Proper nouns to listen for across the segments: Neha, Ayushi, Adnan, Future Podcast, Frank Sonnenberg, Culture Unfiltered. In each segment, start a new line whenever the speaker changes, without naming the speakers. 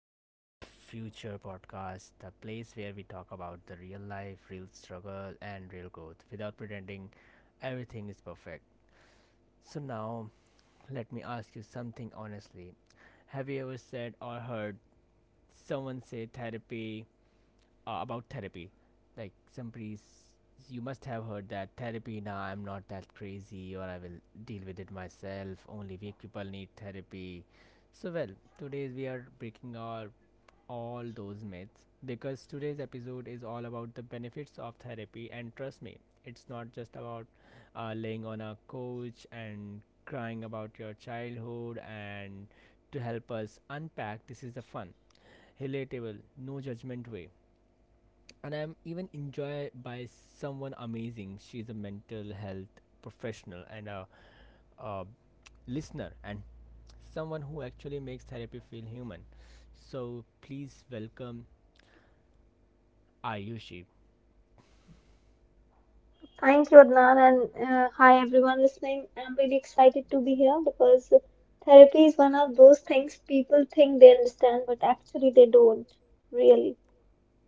of Future Podcast, the place where we talk about the real life, real struggle, and real growth without pretending everything is perfect. So now let me ask you something honestly. Have you ever said or heard someone say therapy about therapy. Like somebody, you must have heard that therapy. Nah, I'm not that crazy, or I will deal with it myself. Only weak people need therapy. So well, today we are breaking our all those myths because today's episode is all about the benefits of therapy, and trust me, it's not just about laying on a couch and crying about your childhood. And to help us unpack this is the fun, relatable, no judgment way, and I'm even enjoyed by someone amazing. She's a mental health professional and a listener and someone who actually makes therapy feel human. So please welcome Ayushi.
Thank you, Adnan, and hi everyone listening. I'm really excited to be here because therapy is one of those things people think they understand, but actually they don't really.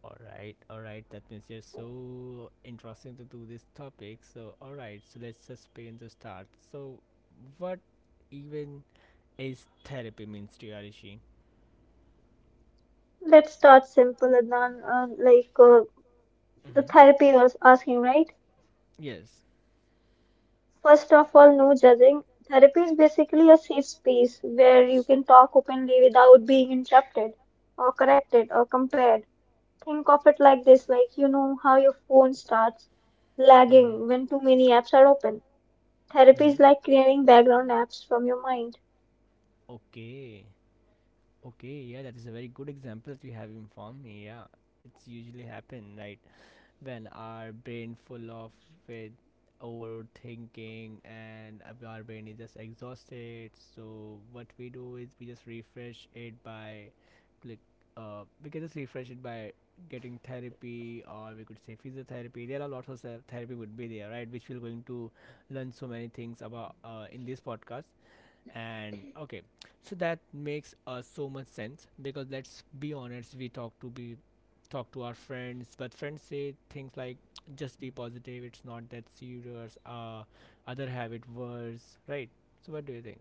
All right, all right. That means you're so interesting to do this topic. So all right, so let's just begin to start. So what even is therapy means to you, Ayushi?
Let's start simple, Adnan. The
Mm-hmm.
therapy was asking, right?
Yes.
First of all, no judging. Therapy is basically a safe space where you can talk openly without being interrupted or corrected or compared. Think of it like this, like you know how your phone starts
Mm-hmm.
lagging when too many apps are open. Therapy is
Mm-hmm.
like clearing background apps from your mind.
Okay. Okay, yeah, that is a very good example that you have informed me. Yeah, it's usually happen, right, when our brain full of with overthinking and our brain is just exhausted. So what we do is we just refresh it by click. We can just refresh it by getting therapy, or we could say physiotherapy. There are lots of therapy would be there, right, which we're going to learn so many things about in this podcast. And okay, so that makes so much sense, because let's be honest, we talk to be talk to our friends, but friends say things like just be positive, it's not that serious, other have it worse, right? So what do you think?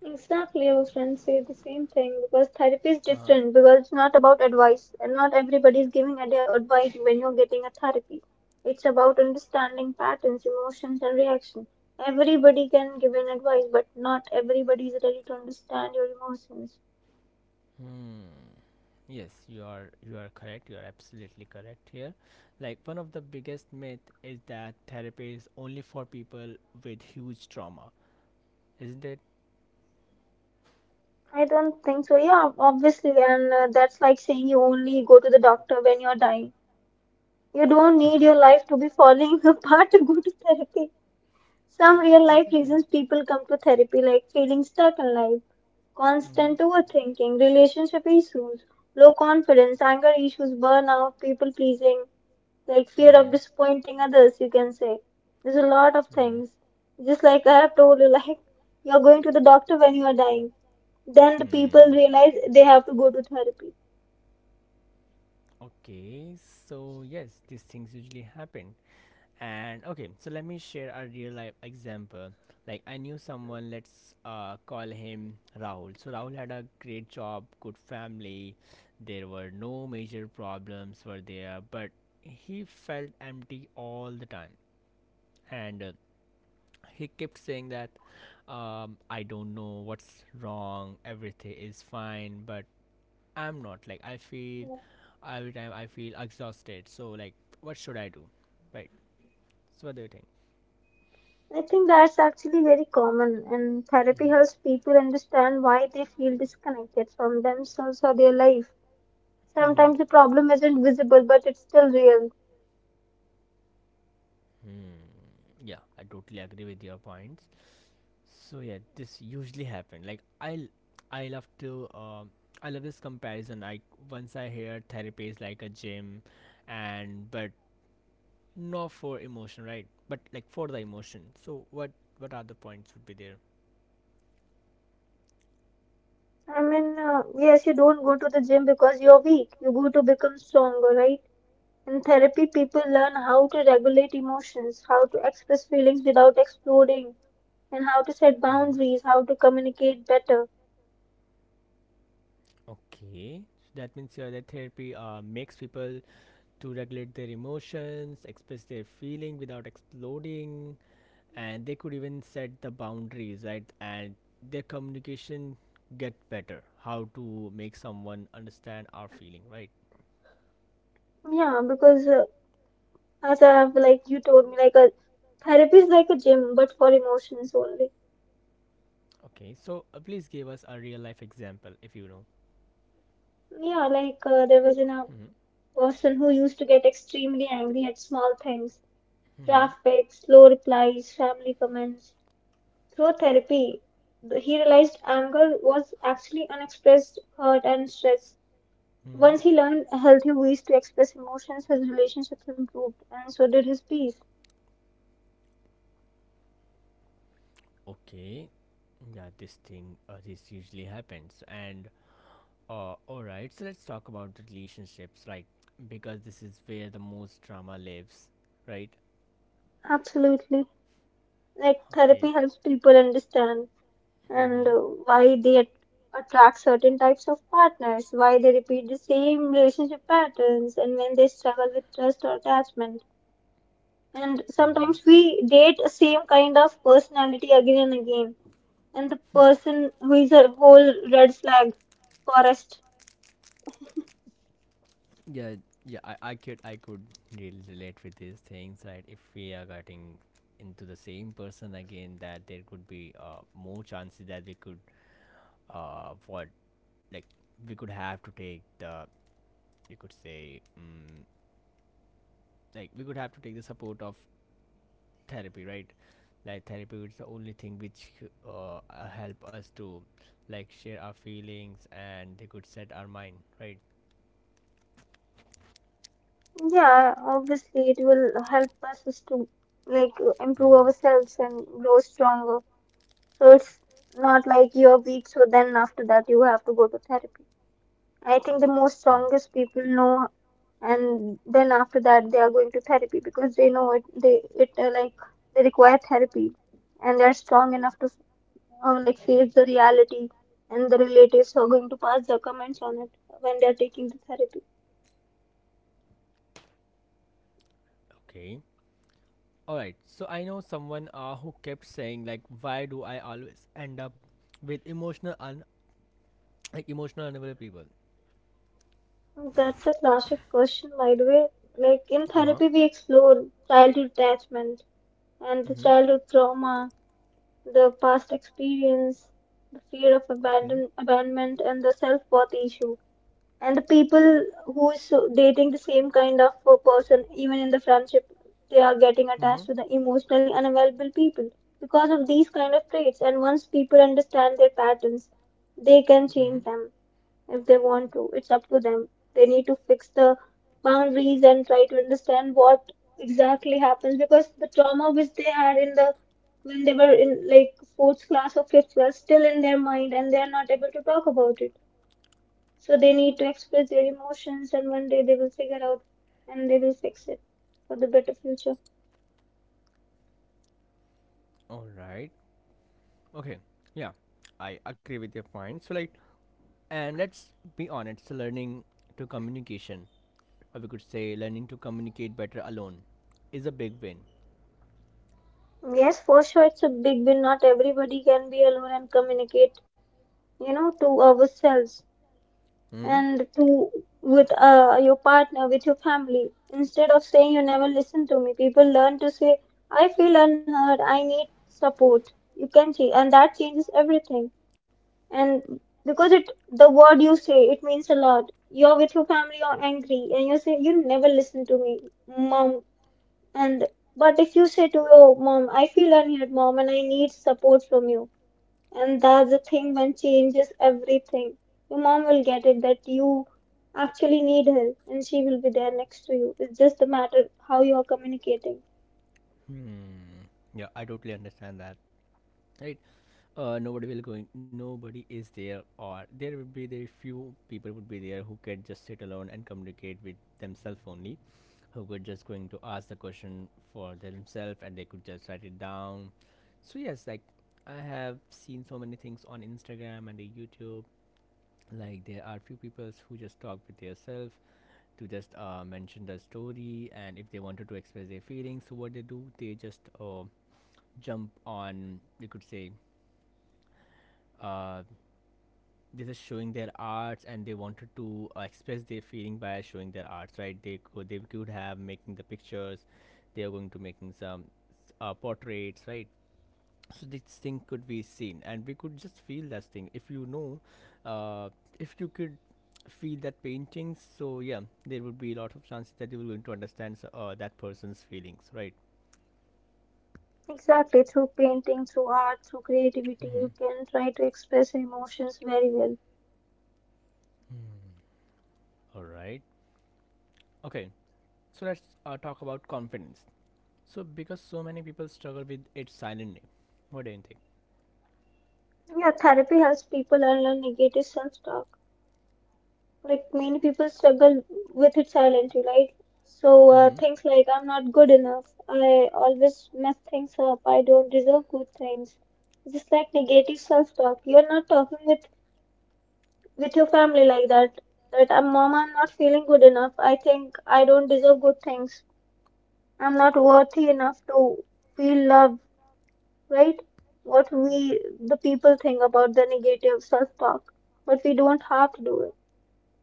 Exactly, our friends say the same thing because therapy is
Uh-huh.
different because it's not about advice and not everybody is giving advice when you're getting a therapy. It's about understanding patterns, emotions, and reaction. Everybody can give an advice, but not everybody is ready to understand your emotions.
Hmm. Yes, you are, you are correct, you are absolutely correct here. Like one of the biggest myth is that therapy is only for people with huge trauma, isn't it?
I don't think so. Yeah, obviously, and that's like saying you only go to the doctor when you're dying. You don't need your life to be falling apart to go to therapy. Some real life
Exactly.
reasons people come to therapy like feeling stuck in life,
Mm-hmm.
constant overthinking, relationship issues, low confidence, anger issues, burnout, people pleasing, like fear of
Mm-hmm.
disappointing others, you can say. There's a lot of
Mm-hmm.
things. Just like I have told you, like you're going to the doctor when you are dying. Then the people
Hmm.
realize they have to go to therapy.
Okay. So yes, these things usually happen. And okay, so let me share a real life example. Like I knew someone. Let's call him Rahul. So Rahul had a great job, good family. There were no major problems were there, but he felt empty all the time. And he kept saying that I don't know what's wrong. Everything is fine, but I'm not. Like I feel every time I feel exhausted. So like, what should I do? Right. So what do you think?
I think that's actually very common, and therapy
Mm-hmm.
helps people understand why they feel disconnected from themselves or their life.
Mm-hmm.
Sometimes the problem isn't visible, but it's still real.
Hmm. Yeah, I totally agree with your points. So yeah, this usually happen. Like I love to. I love this comparison. Like once I hear therapy is like a gym, and but not for emotion, right? But like for the emotion. So what other points would be there?
I mean, yes, you don't go to the gym because you're weak. You go to become stronger, right? In therapy, people learn how to regulate emotions, how to express feelings without exploding, and how to set
Mm-hmm.
boundaries, how to communicate better.
Okay, so that means that therapy makes people to regulate their emotions, express their feeling without exploding, and they could even set the boundaries, right? And their communication get better. How to make someone understand our feeling, right?
Yeah, because as I have, like you told me, like a therapy is like a gym, but for emotions only.
Okay, so please give us a real life example if you know.
Yeah, there was a
Mm-hmm.
person who used to get extremely angry at small things.
Mm-hmm.
Draft backs, slow replies, family comments. Through therapy, he realized anger was actually unexpressed hurt and stress.
Mm-hmm.
Once he learned healthy ways to express emotions, his relationships improved, and so did his peace.
Okay, yeah, this thing, this usually happens. And all right, so let's talk about the relationships, right? Because this is where the most drama lives, right?
Absolutely. Like, therapy
Okay.
helps people understand and
Mm-hmm.
why they attract certain types of partners, why they repeat the same relationship patterns, and when they struggle with trust or attachment. And
Mm-hmm.
sometimes we date a same kind of personality again and again, and the person who is a whole red flag forest.
Yeah, yeah, I could really relate with these things. Right, if we are getting into the same person again, that there could be more chances that we could what like we could have to take the, you could say, like we could have to take the support of therapy, right? Like therapy is the only thing which help us to like share our feelings, and they could set our mind, right?
Yeah, obviously it will help us is to, like, improve ourselves and grow stronger. So it's not like you're weak so then after that you have to go to therapy. I think the most
Hmm.
strongest people know, and then after that they are going to therapy because they know it they it like they require therapy, and they're strong enough to, or like, face the reality, and the relatives are going to pass their comments on it when they are taking the therapy.
Okay. All right. So I know someone who kept saying like, why do I always end up with emotional un like emotional unavailable people?
That's a classic question, by the way. Like in
Uh huh.
therapy, we explore childhood attachment and the
Mhm.
childhood trauma, the past experience, the fear of
Okay.
abandonment, and the self worth issue. And the people who's dating the same kind of a person even in the friendship, they are getting attached
Mhm.
to the emotionally unavailable people because of these kind of traits. And once people understand their patterns, they can
Mhm.
change them if they want to. It's up to them. They need to fix the boundaries and try to understand what exactly happens, because the trauma which they had in the, when they were in like fourth class or fifth class, still in their mind and they are not able to talk about it. So they need to express their emotions, and one day they will figure out and they will fix it for the better future.
All right. Okay. Yeah. I agree with your point. So like, and let's be honest, the learning to communication, or we could say learning to communicate better alone, is a big win.
Yes, for sure, it's a big win. Not everybody can be alone and communicate, you know, to ourselves
Hmm.
and to, with your partner, with your family. Instead of saying you never listen to me, people learn to say, I feel unheard, I need support. You can change, and that changes everything. And because it, the word you say, it means a lot. You're with your family, you're angry and you say you never listen to me, mom. And but if you say to your mom, I feel unheard, mom, and I need support from you, and that's the thing when changes everything. Your mom will get it that you actually need her, and she will be there next to you. It's just a matter how you are communicating.
Hmm. Yeah, I totally understand that. Right. Nobody will going. Nobody is there, or there would be the few people would be there who can just sit alone and communicate with themselves only, who could just going to ask the question for themselves and they could just write it down. So yes, like I have seen so many things on Instagram and the YouTube. Like there are few people who just talk with themselves to just mention the story. And if they wanted to express their feelings, so what they do, they just jump on, you could say, uh, they're just showing their arts, and they wanted to express their feeling by showing their arts, right? They could have making the pictures, they are going to making some portraits, right? So this thing could be seen, and we could just feel that thing if you know, uh, if you could feel that painting. So yeah, there would be a lot of chances that you will going to understand that person's feelings, right?
Exactly, through painting, through art, through creativity,
Mm-hmm.
you can try to express your emotions very well.
All right. Okay. So let's talk about confidence. So because so many people struggle with it silently, what do you think?
Yeah, therapy helps people unlearn negative self-talk. Like many people struggle with it silently, right? So
Mm-hmm.
things like I'm not good enough, I always mess things up, I don't deserve good things. Just like negative self-talk. You're not talking with your family like that. That I'm mom, I'm not feeling good enough. I think I don't deserve good things. I'm not worthy enough to feel loved. Right? What we, the people think about the negative self-talk, but we don't have to do it.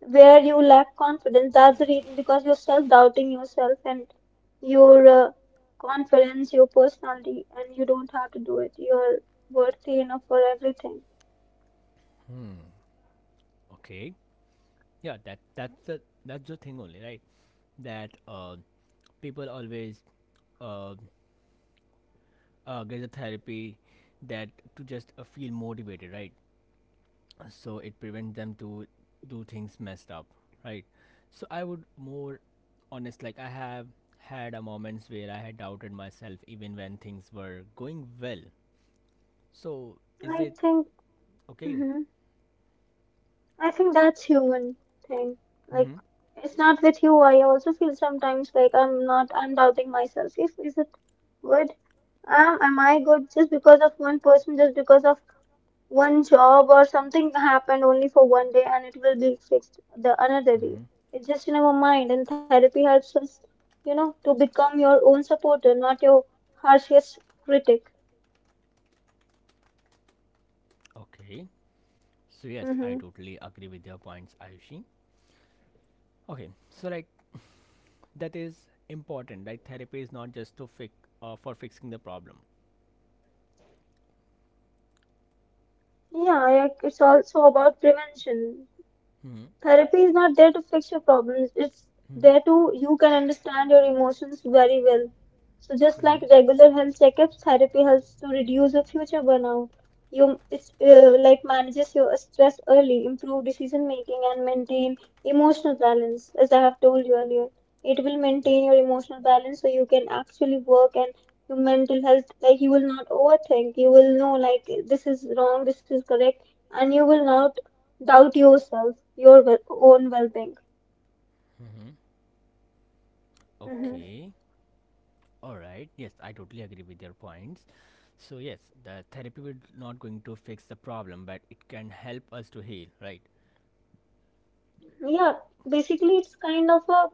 Where you lack confidence, that's the reason because you're self-doubting yourself and your confidence, your personality, and you don't have to do it. You're worthy enough for everything.
Hmm. Okay, yeah, that's the thing only, right? That people always uh, get the therapy, that to just feel motivated, right? So it prevents them to do things messed up, right? So I would more honest, like I have had a moments where I had doubted myself even when things were going well. So is
I
it
think,
okay?
hmm I think that's human thing. Like,
Mm-hmm.
it's not with you. I also feel sometimes like I'm doubting myself. If, is it good? Am I good just because of one person, just because of one job or something happened only for one day and it will be fixed the another day.
Mm-hmm.
It's just in our mind and therapy helps us, you know, to become your own supporter, not your harshest critic.
Okay. So yes,
Mm-hmm.
I totally agree with your points, Ayushi. Okay. So like that is important. Like therapy is not just to fix for fixing the problem.
Yeah, it's also about prevention.
Mm-hmm.
Therapy is not there to fix your problems. It's
Mm-hmm.
there to, you can understand your emotions very well. So just like
Mm-hmm.
regular health checkups, therapy helps to reduce your future burnout. You it's Like manages your stress early, improve decision making, and maintain emotional balance. As I have told you earlier, it will maintain your emotional balance so you can actually work and your mental health. Like you will not overthink. You will know like this is wrong, this is correct, and you will not doubt yourself, your own well-being.
Mm-hmm.
Hmm.
Okay. All right. Yes, I totally agree with your points. So yes, the therapy will not going to fix the problem, but it can help us to heal, right?
Yeah, basically it's kind of a,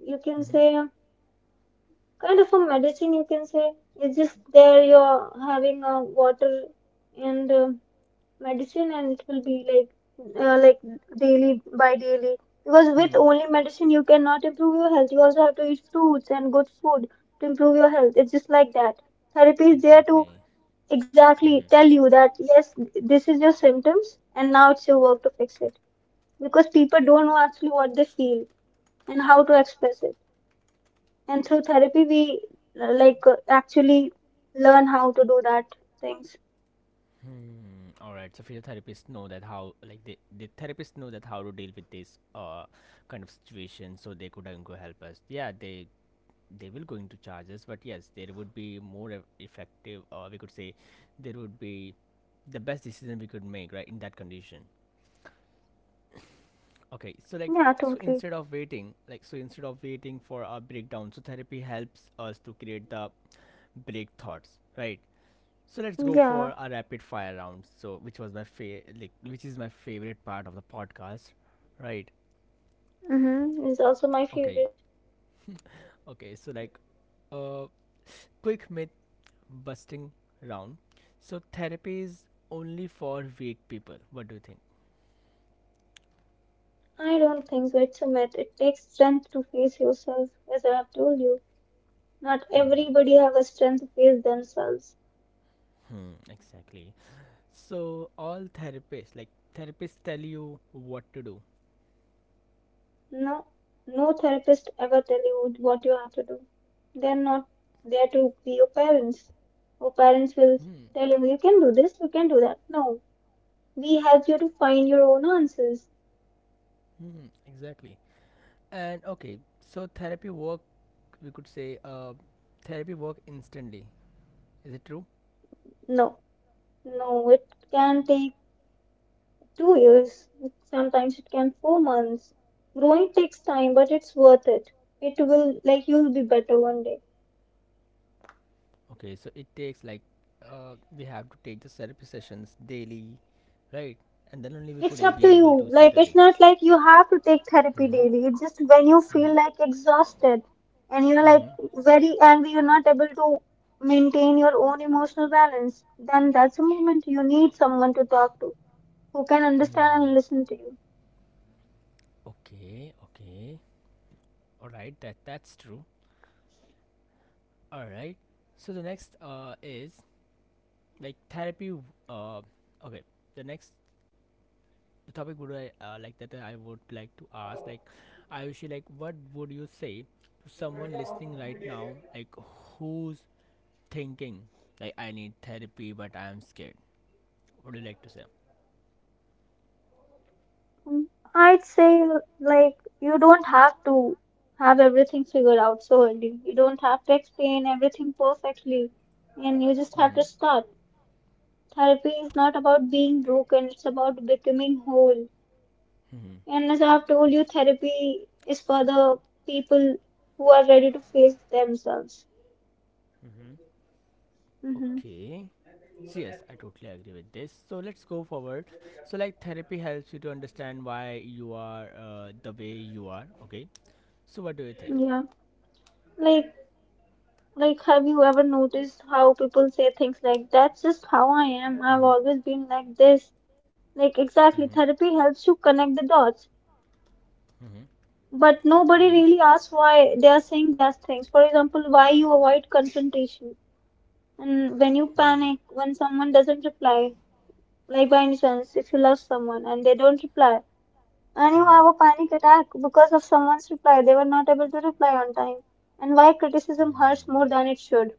you can
Mm-hmm.
say, kind of a medicine. You can say it's just there. You're having a water and medicine, and it will be like, uh, like daily by daily. Because with
Hmm.
only medicine you cannot improve your health. You also have to eat fruits and good food to improve your health. It's just like that. Therapy is there to
Exactly.
exactly tell
Mm-hmm.
you that yes, this is your symptoms and now it's your work to fix it, because people don't know actually what they feel and how to express it, and through therapy we actually learn how to do that things.
Hmm. All right. So physiotherapists know that how, like they, the therapists know that how to deal with this kind of situation, so they could going to help us. Yeah, they will going to charge us, but yes, there would be more effective, or we could say, there would be the best decision we could make, right, in that condition. Okay, so like,
Yeah,
so
totally.
instead of waiting, like so instead of waiting for a breakdown, so therapy helps us to create the break thoughts, right? So let's go
Yeah.
for a rapid fire round. So which was my like which is my favorite part of the podcast, right?
Mm-hmm. Is also my
Okay,
favorite.
okay. So like, uh, quick myth busting round. So therapy is only for weak people. What do you think?
I don't think so, it's a myth. It takes strength to face yourself. As I have told you, not
Hmm,
everybody have a strength to face themselves.
hmm, exactly. So all therapists like therapists tell you what to do.
No, no therapist ever tell you what you have to do. They're not there to be your parents. Your parents will
Hmm.
tell you, you can do this, you can do that. No, we help you to find your own answers.
Hmm. Exactly. And okay, so therapy work, we could say, therapy work instantly. Is it true?
No, no, it can take 2 years. Sometimes it can 4 months. Growing takes time, but it's worth it. It will, like, you'll be better one day.
Okay, so it takes like, we have to take the therapy sessions daily, right? And then only we
It's
could
up
be
to
able
you.
to see
Like,
the
it's not
things.
like you have to take therapy
Mm-hmm.
daily. It's just when you
Mm-hmm.
feel like exhausted and you're like
Mm-hmm.
very angry, you're not able to maintain your own emotional balance, then that's a moment you need someone to talk to who can understand
Hmm.
and listen to you.
Okay. Okay. All right. That that's true. All right. So the next is like therapy. W- Uh, okay. The next the topic would I like that I would like to ask like Ayushi, like what would you say to someone listening right now, like who's thinking like I need therapy but I am scared, what do you like to say?
Mm, I'd say, like, you don't have to have everything figured out so early. You don't have to explain everything perfectly, and you just have
Mm-hmm.
to start. Therapy is not about being broken, it's about becoming whole.
Mm-hmm.
And as I've told you, therapy is for the people who are ready to face themselves.
Mm-hmm.
Mm-hmm.
Okay, so yes I totally agree with this, so let's go forward. So like therapy helps you to understand why you are the way you are, okay? So what do you think?
Yeah. Like, like, have you ever noticed how people say things like, that's just how I am. I've
Mm-hmm.
always been like this. Like, exactly,
Mm-hmm.
therapy helps you connect the dots.
Mm-hmm.
But nobody
Okay.
really asks why they are saying those things. For example, why you avoid confrontation. And when you panic,
Hmm.
when someone doesn't reply, like by any chance, if you love someone and they don't reply. And you
Hmm.
have a panic attack because of someone's reply. They were not able to reply on time. And why criticism
Hmm.
hurts more than it should.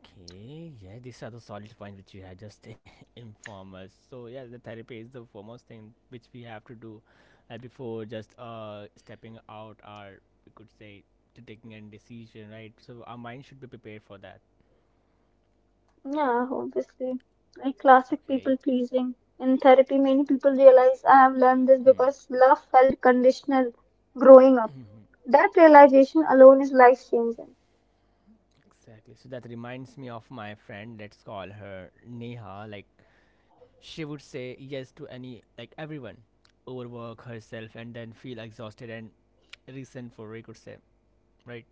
Okay, yeah, these are the solid points which you had just informed us. So yeah, the therapy is the foremost thing which we have to do before just stepping out, or we could say, to taking a decision, right? So our mind should be prepared for that.
Yeah, obviously. Like classic
Okay.
people pleasing. In therapy, many people realize I have learned this
Hmm.
because love felt conditional growing up. That realization alone is life changing.
Exactly. So that reminds me of my friend. Let's call her Neha. Like she would say yes to any like everyone, overwork herself and then feel exhausted and resentful. We could say, right?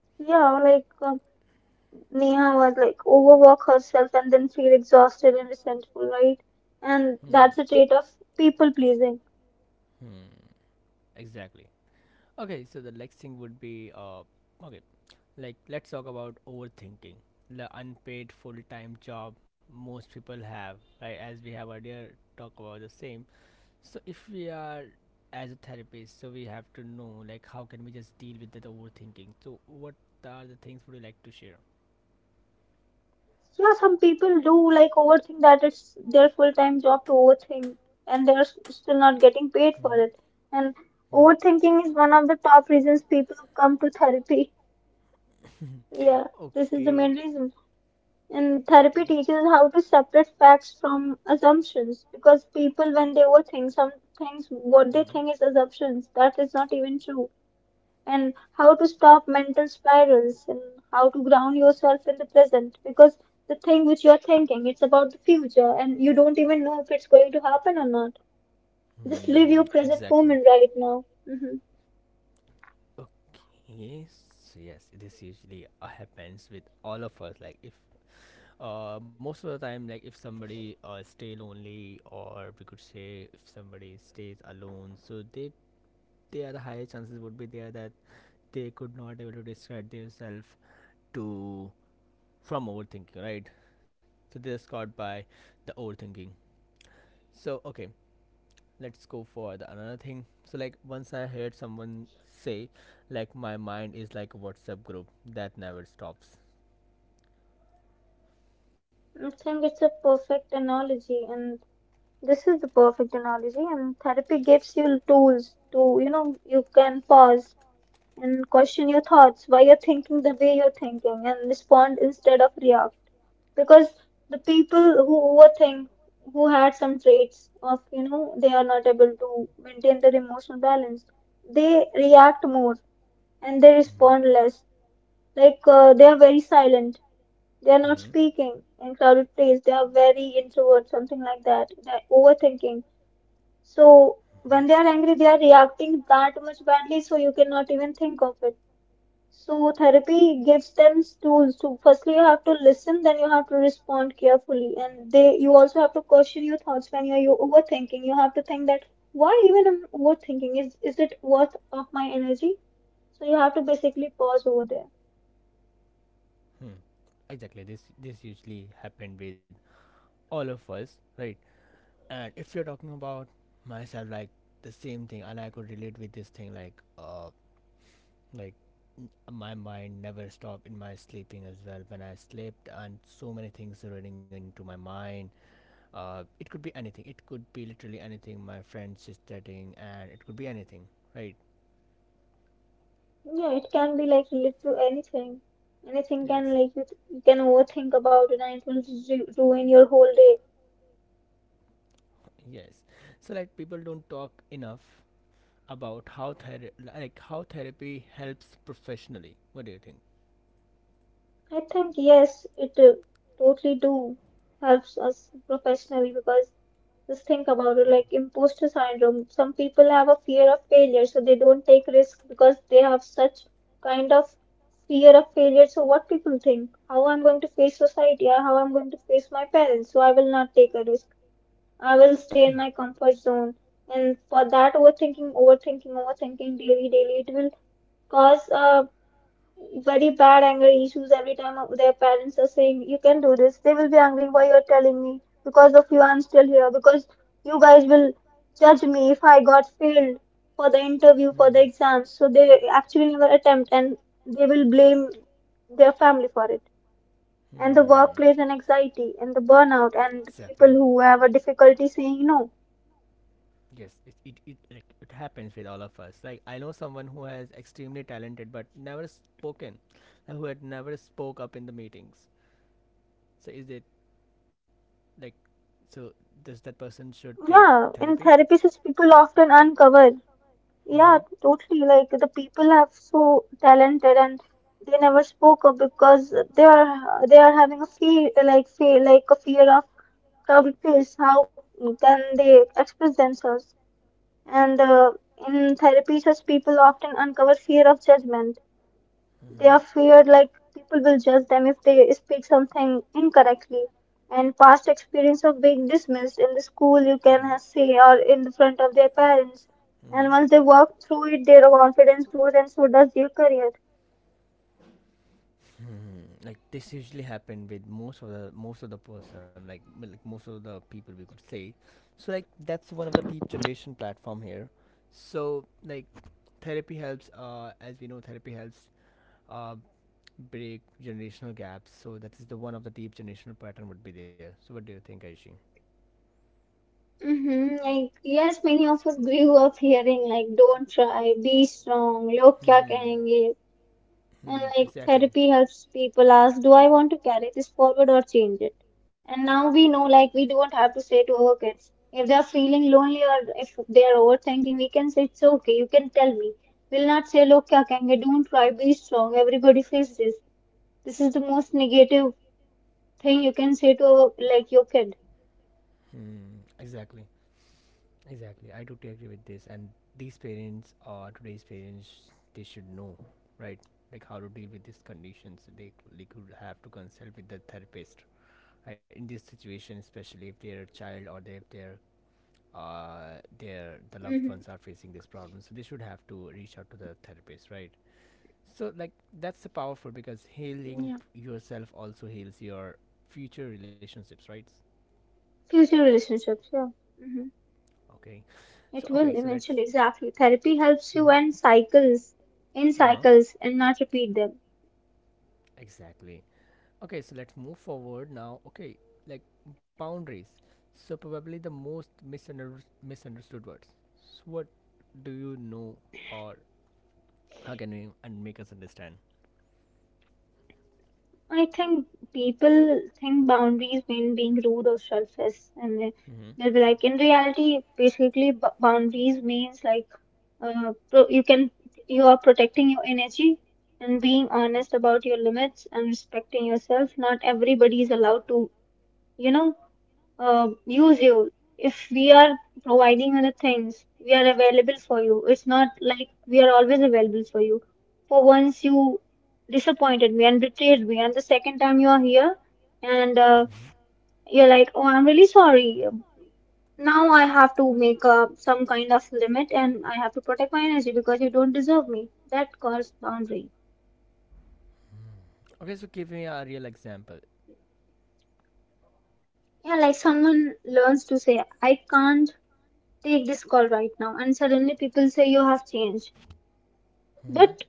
Yeah, like Neha was like overwork herself and then feel exhausted and resentful, right? And
Hmm.
that's a trait of people pleasing.
Hmm. Exactly. Okay, so the next thing would be okay, like let's talk about overthinking. The unpaid full-time job most people have, right? As we have earlier talked about the same. So if we are as a therapist, so we have to know like how can we just deal with that overthinking. So what are the things would you like to share?
Yeah, some people do like overthink that it's their full-time job to overthink and still not getting paid
Mm-hmm.
for it. And
Mm-hmm.
overthinking is one of the top reasons people come to therapy. Yeah, this is the
Okay.
main reason. And therapy
Okay.
teaches how to separate facts from assumptions because people, when they overthink some things, what they think is assumptions that is not even true, and how to stop mental spirals, and how to ground yourself in the present, because the thing which you're thinking, it's about the future and you don't even know if it's going to happen or not. Just live
Hmm,
your present
exactly.
moment right now. hmm
Okay. So yes, this usually happens with all of us. Like if most of the time, like if somebody stay lonely, or we could say if somebody stays alone, so they are the higher chances would be there that they could not able to distract themselves to from overthinking, right? So this are scarred by the overthinking. So okay, let's go for the another thing. So like once I heard someone say, like, my mind is like a WhatsApp group that never stops.
I think it's a perfect analogy, and this is the perfect analogy, and therapy gives you tools to, you know, you can pause and question your thoughts, why you're thinking the way you're thinking, and respond instead of react. Because the people who overthink, who had some traits of, you know, they are not able to maintain their emotional balance, they react more and they respond
Mm-hmm.
less. Like they are very silent, they are not
Mm-hmm.
speaking in crowded place, they are very introvert, something like that. They're overthinking. So when they
Mm-hmm.
are angry, they are reacting that much badly, so you cannot even think of it. So therapy gives them tools to, firstly, you have to listen, then you have to respond carefully. And they you also have to question your thoughts when you're you overthinking. You have to think that, why even I'm overthinking? Is it worth of my energy? So you have to basically pause over there.
Hmm. Exactly, this usually happened with all of us, right? And if you're talking about myself, like the same thing, and I could relate with this thing, uh like my mind never stopped in my sleeping as well. When I slept, and so many things are running into my mind, it could be anything, it could be literally anything. My friends is chatting, and it could be anything, right?
Yeah, it can be like related to anything. Anything can
Yes.
like you can overthink about it and it will ruin your whole day.
Yes. So like people don't talk enough about how ther like how therapy helps professionally. What do you think?
I think yes, it totally do helps us professionally, because just think about it, like imposter syndrome. Some people have a fear of failure, so they don't take risks because they have such kind of fear of failure. So what people think, how I'm going to face society, or how I'm going to face my parents, so I will not take a risk. I will stay in my comfort zone. And for that, overthinking, overthinking, overthinking daily, daily, it will cause very bad anger issues. Every time their parents are saying you can do this, they will be angry, why you're telling me, because of you I'm still here, because you guys will judge me if I got failed for the interview, for
Hmm.
the exams. So they actually never attempt, and they will blame their family for it, and the
Hmm.
workplace, and anxiety, and the burnout, and the
Exactly.
people who have a difficulty saying no.
Yes, it like it happens with all of us. Like I know someone who has extremely talented but never spoken, who had never spoke up in the meetings. So is it, like, so does that person should take
yeah in
therapy?
therapy such people often uncover Yeah,
Mm-hmm.
totally. Like the people are so talented and they never spoke up because they are having a fear, like fear, like a fear of public face. How can they express themselves? And in therapy, such people often uncover fear of judgment. They
Mm-hmm.
are feared like people will judge them if they speak something incorrectly, and past experience of being dismissed in the school, you can
Mm-hmm.
say, or in the front of their parents. And
Mm-hmm.
once they walk through it, their confidence grows, and so does their career.
Hmm, like this usually happened with most of the person, like like most of the people, we could say. So like that's one of the deep generation platform here. So like therapy helps, as we know, therapy helps uh break generational gaps. So that is the one of the deep generational pattern would be there. So what do you think, Aishi?
Like yes, many of us grew up hearing like, don't try, be strong, log kya
Hmm.
kahenge. And
Hmm,
like
exactly.
therapy helps people ask, do I want to carry this forward or change it? And now we know, like, we don't have to say to our kids, if they are feeling lonely or if they are overthinking, we can say, it's okay, you can tell me. We'll not say, look, kya kahenge, don't cry, be strong, everybody faces this. This is the most negative thing you can say to, our, like, your kid.
Hmm, exactly. Exactly, I totally agree with this. And these parents, or today's parents, they should know, right? Like how to deal with these conditions. They could have to consult with the therapist, right? In this situation, especially if their child, or they, if their uh their the loved
Mm-hmm.
ones are facing this problem, so they should have to reach out to the therapist, right? So like that's powerful because healing
Yeah.
yourself also heals your future relationships, right?
Future relationships, yeah. Mm-hmm.
Okay, so
It
okay,
will
so let's—
eventually, exactly. Therapy helps you
Mhm.
end cycles, in
Uh-huh.
cycles, and not repeat them.
Exactly. Okay, so let's move forward now. Okay, like boundaries. So probably the most misunderstood words. So what do you know, or how can you and make us understand?
I think people think boundaries mean being rude or selfish, and they-
Mm-hmm.
they'll be like, in reality, basically, b boundaries means like, pro you can, you are protecting your energy and being honest about your limits and respecting yourself. Not everybody is allowed to, you know, use you. If we are providing other things, we are available for you. It's not like we are always available for you. For once, you disappointed me and betrayed me, and the second time you are here, and you're like, "Oh, I'm really sorry." Now I have to make up some kind of limit, and I have to protect my energy because you don't deserve me. That calls boundary.
Okay, so give me a real example.
Yeah, like someone learns to say, "I can't take this call right now," and suddenly people say you have changed.
Mm-hmm.
But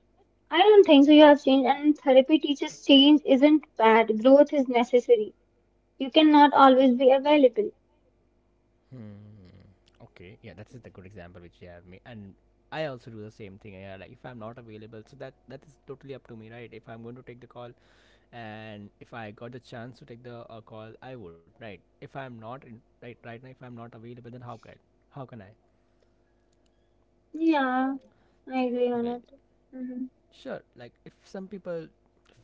I don't think so. You have changed, and therapy teaches change isn't bad. Growth is necessary. You cannot always be available.
Hmm. Okay, yeah, that is the good example which you have me, and I also do the same thing. Yeah, like if I'm not available, so that that is totally up to me, right? If I'm going to take the call, and if I got the chance to take the call, I would, right? If I'm not in, right, right now if I'm not available, then how can I—
Yeah, I agree on
Okay.
it. hmm
Sure, like if some people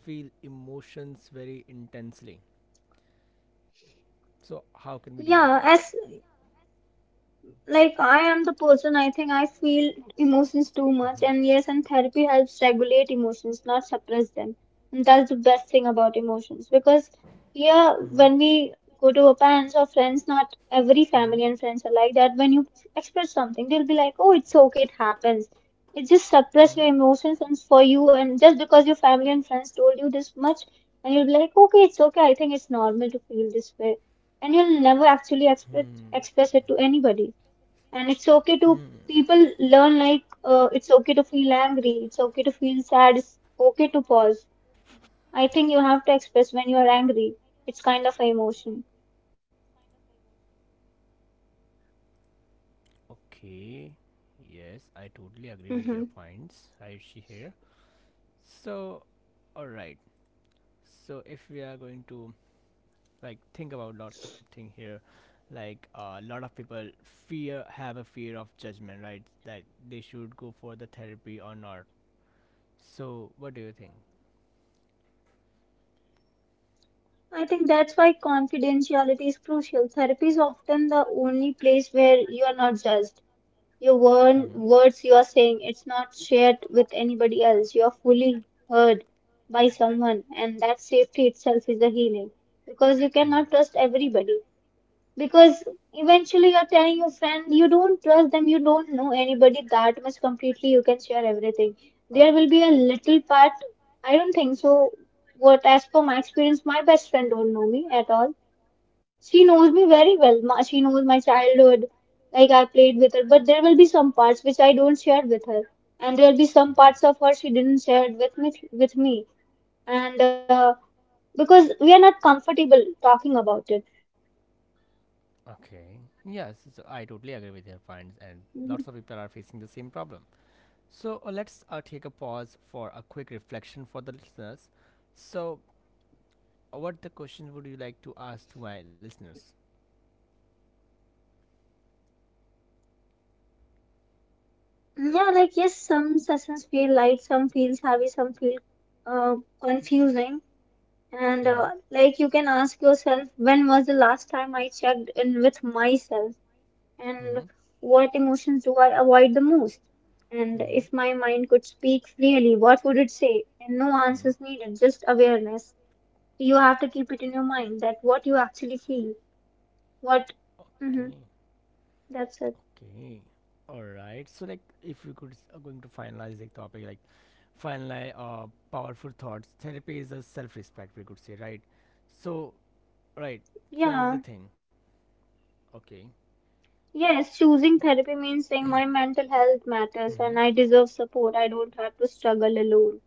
feel emotions very intensely, so how can we deal with that?
Yeah, as like I am the person, I think I feel emotions too much,
Mm-hmm.
and yes, and therapy helps regulate emotions, not suppress them. And that's the best thing about emotions, because yeah,
Mm-hmm.
when we go to our parents or friends, not every
Mm-hmm.
family and friends are like that. When you express something, they'll be like, oh, it's okay, it happens. It just suppress your emotions, and for you, and just because your family and friends told you this much, and you'll be like, okay, it's okay, I think it's normal to feel this way, and you'll never actually
Mm-hmm.
express it to anybody. And it's okay to
Hmm.
people learn, like, it's okay to feel angry, it's okay to feel sad, it's okay to pause. I think you have to express when you are angry. It's kind of an emotion.
Okay, yes, I totally agree with your
hmm
points, Ayushi, here. So all right, so if we are going to like think about lots of things here, like a lot of people fear have a fear of judgment, right, that they should go for the therapy or not. So what do you think?
I think that's why confidentiality is crucial. Therapy is often the only place where you are not judged. Your
Mm-hmm.
words you are saying, it's not shared with anybody else. You are fully heard by someone, and that safety itself is a healing, because you cannot
Mm-hmm.
trust everybody. Because eventually, you're telling your friend, you don't trust them, you don't know anybody that much completely, you can share everything, there will be a little part, I don't think so. What, as per my experience, my best friend don't know me at all. She knows me very well. She knows my childhood, like I played with her, but there will be some parts which I don't share with her, and there will be some parts of her she didn't share with me. And because we are not comfortable talking about
Okay, yes, so I totally agree with your points, and lots
it.
of people are facing the same problem. So let's take a pause for a quick reflection for the listeners. So what the question would you like to ask to my listeners?
Yeah, like yes, some sessions feel light, some feels heavy, some feel confusing. And
Mm-hmm.
like you can ask yourself, when was the last time I checked in with myself?
Mm-hmm.
And what emotions do I avoid the most? And
Mm-hmm.
if my mind could speak freely, what would it say? And no answers needed, just awareness. You have to keep it in your mind that what you actually feel, what, hmm
Okay.
That's it.
Okay, all right. So, like, if we could going to finalize the topic, like, finalize powerful thoughts. Therapy is a self-respect, we could say, right? So, right. So that is
Yeah.
the thing. Okay.
Yes, choosing therapy means saying my mental health matters
Mm-hmm.
and I deserve support. I don't have to struggle alone.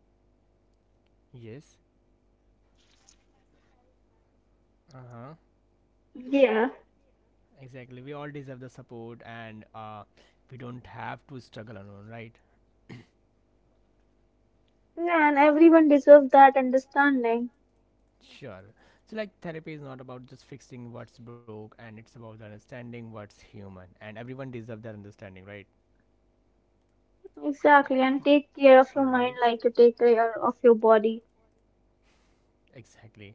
Yes. Uh huh.
Yeah,
Exactly. We all deserve the support, and we don't have to struggle alone, right?
yeah, and everyone deserves that understanding.
Sure. So, like, therapy is not about just fixing what's broke, and it's about understanding what's human, and everyone deserves that understanding, right?
Exactly, and take care of
All
your
right.
mind like you take care of your body.
Exactly.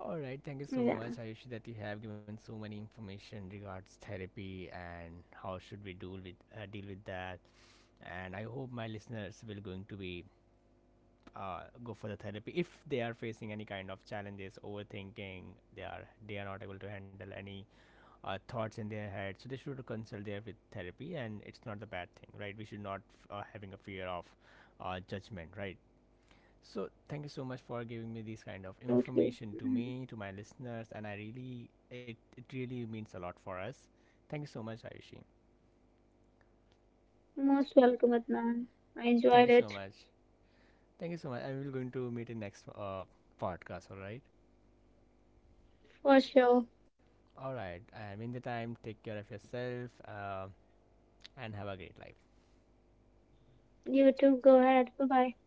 All right. Thank you so
Yeah,
much, Ayushi, that you have given so many information regards therapy and how should we deal with that. And I hope my listeners will going to be go for the therapy if they are facing any kind of challenges, overthinking. They are not able to handle any thoughts in their head, so they should consult there with therapy. And it's not the bad thing, right? We should not having a fear of judgment, right? So thank you so much for giving me this kind of
yeah, totally.
information to
Mhm.
me, to my listeners, and I really it really means a lot for us. Thank you so much, Ayushi.
Most welcome, Adnan. I
Thank you
enjoyed
so
it
much. Thank you so much. I will going to meet in next podcast. All right.
for sure.
All right. In the time, take care of yourself and have a great life.
You too, go ahead. Bye bye.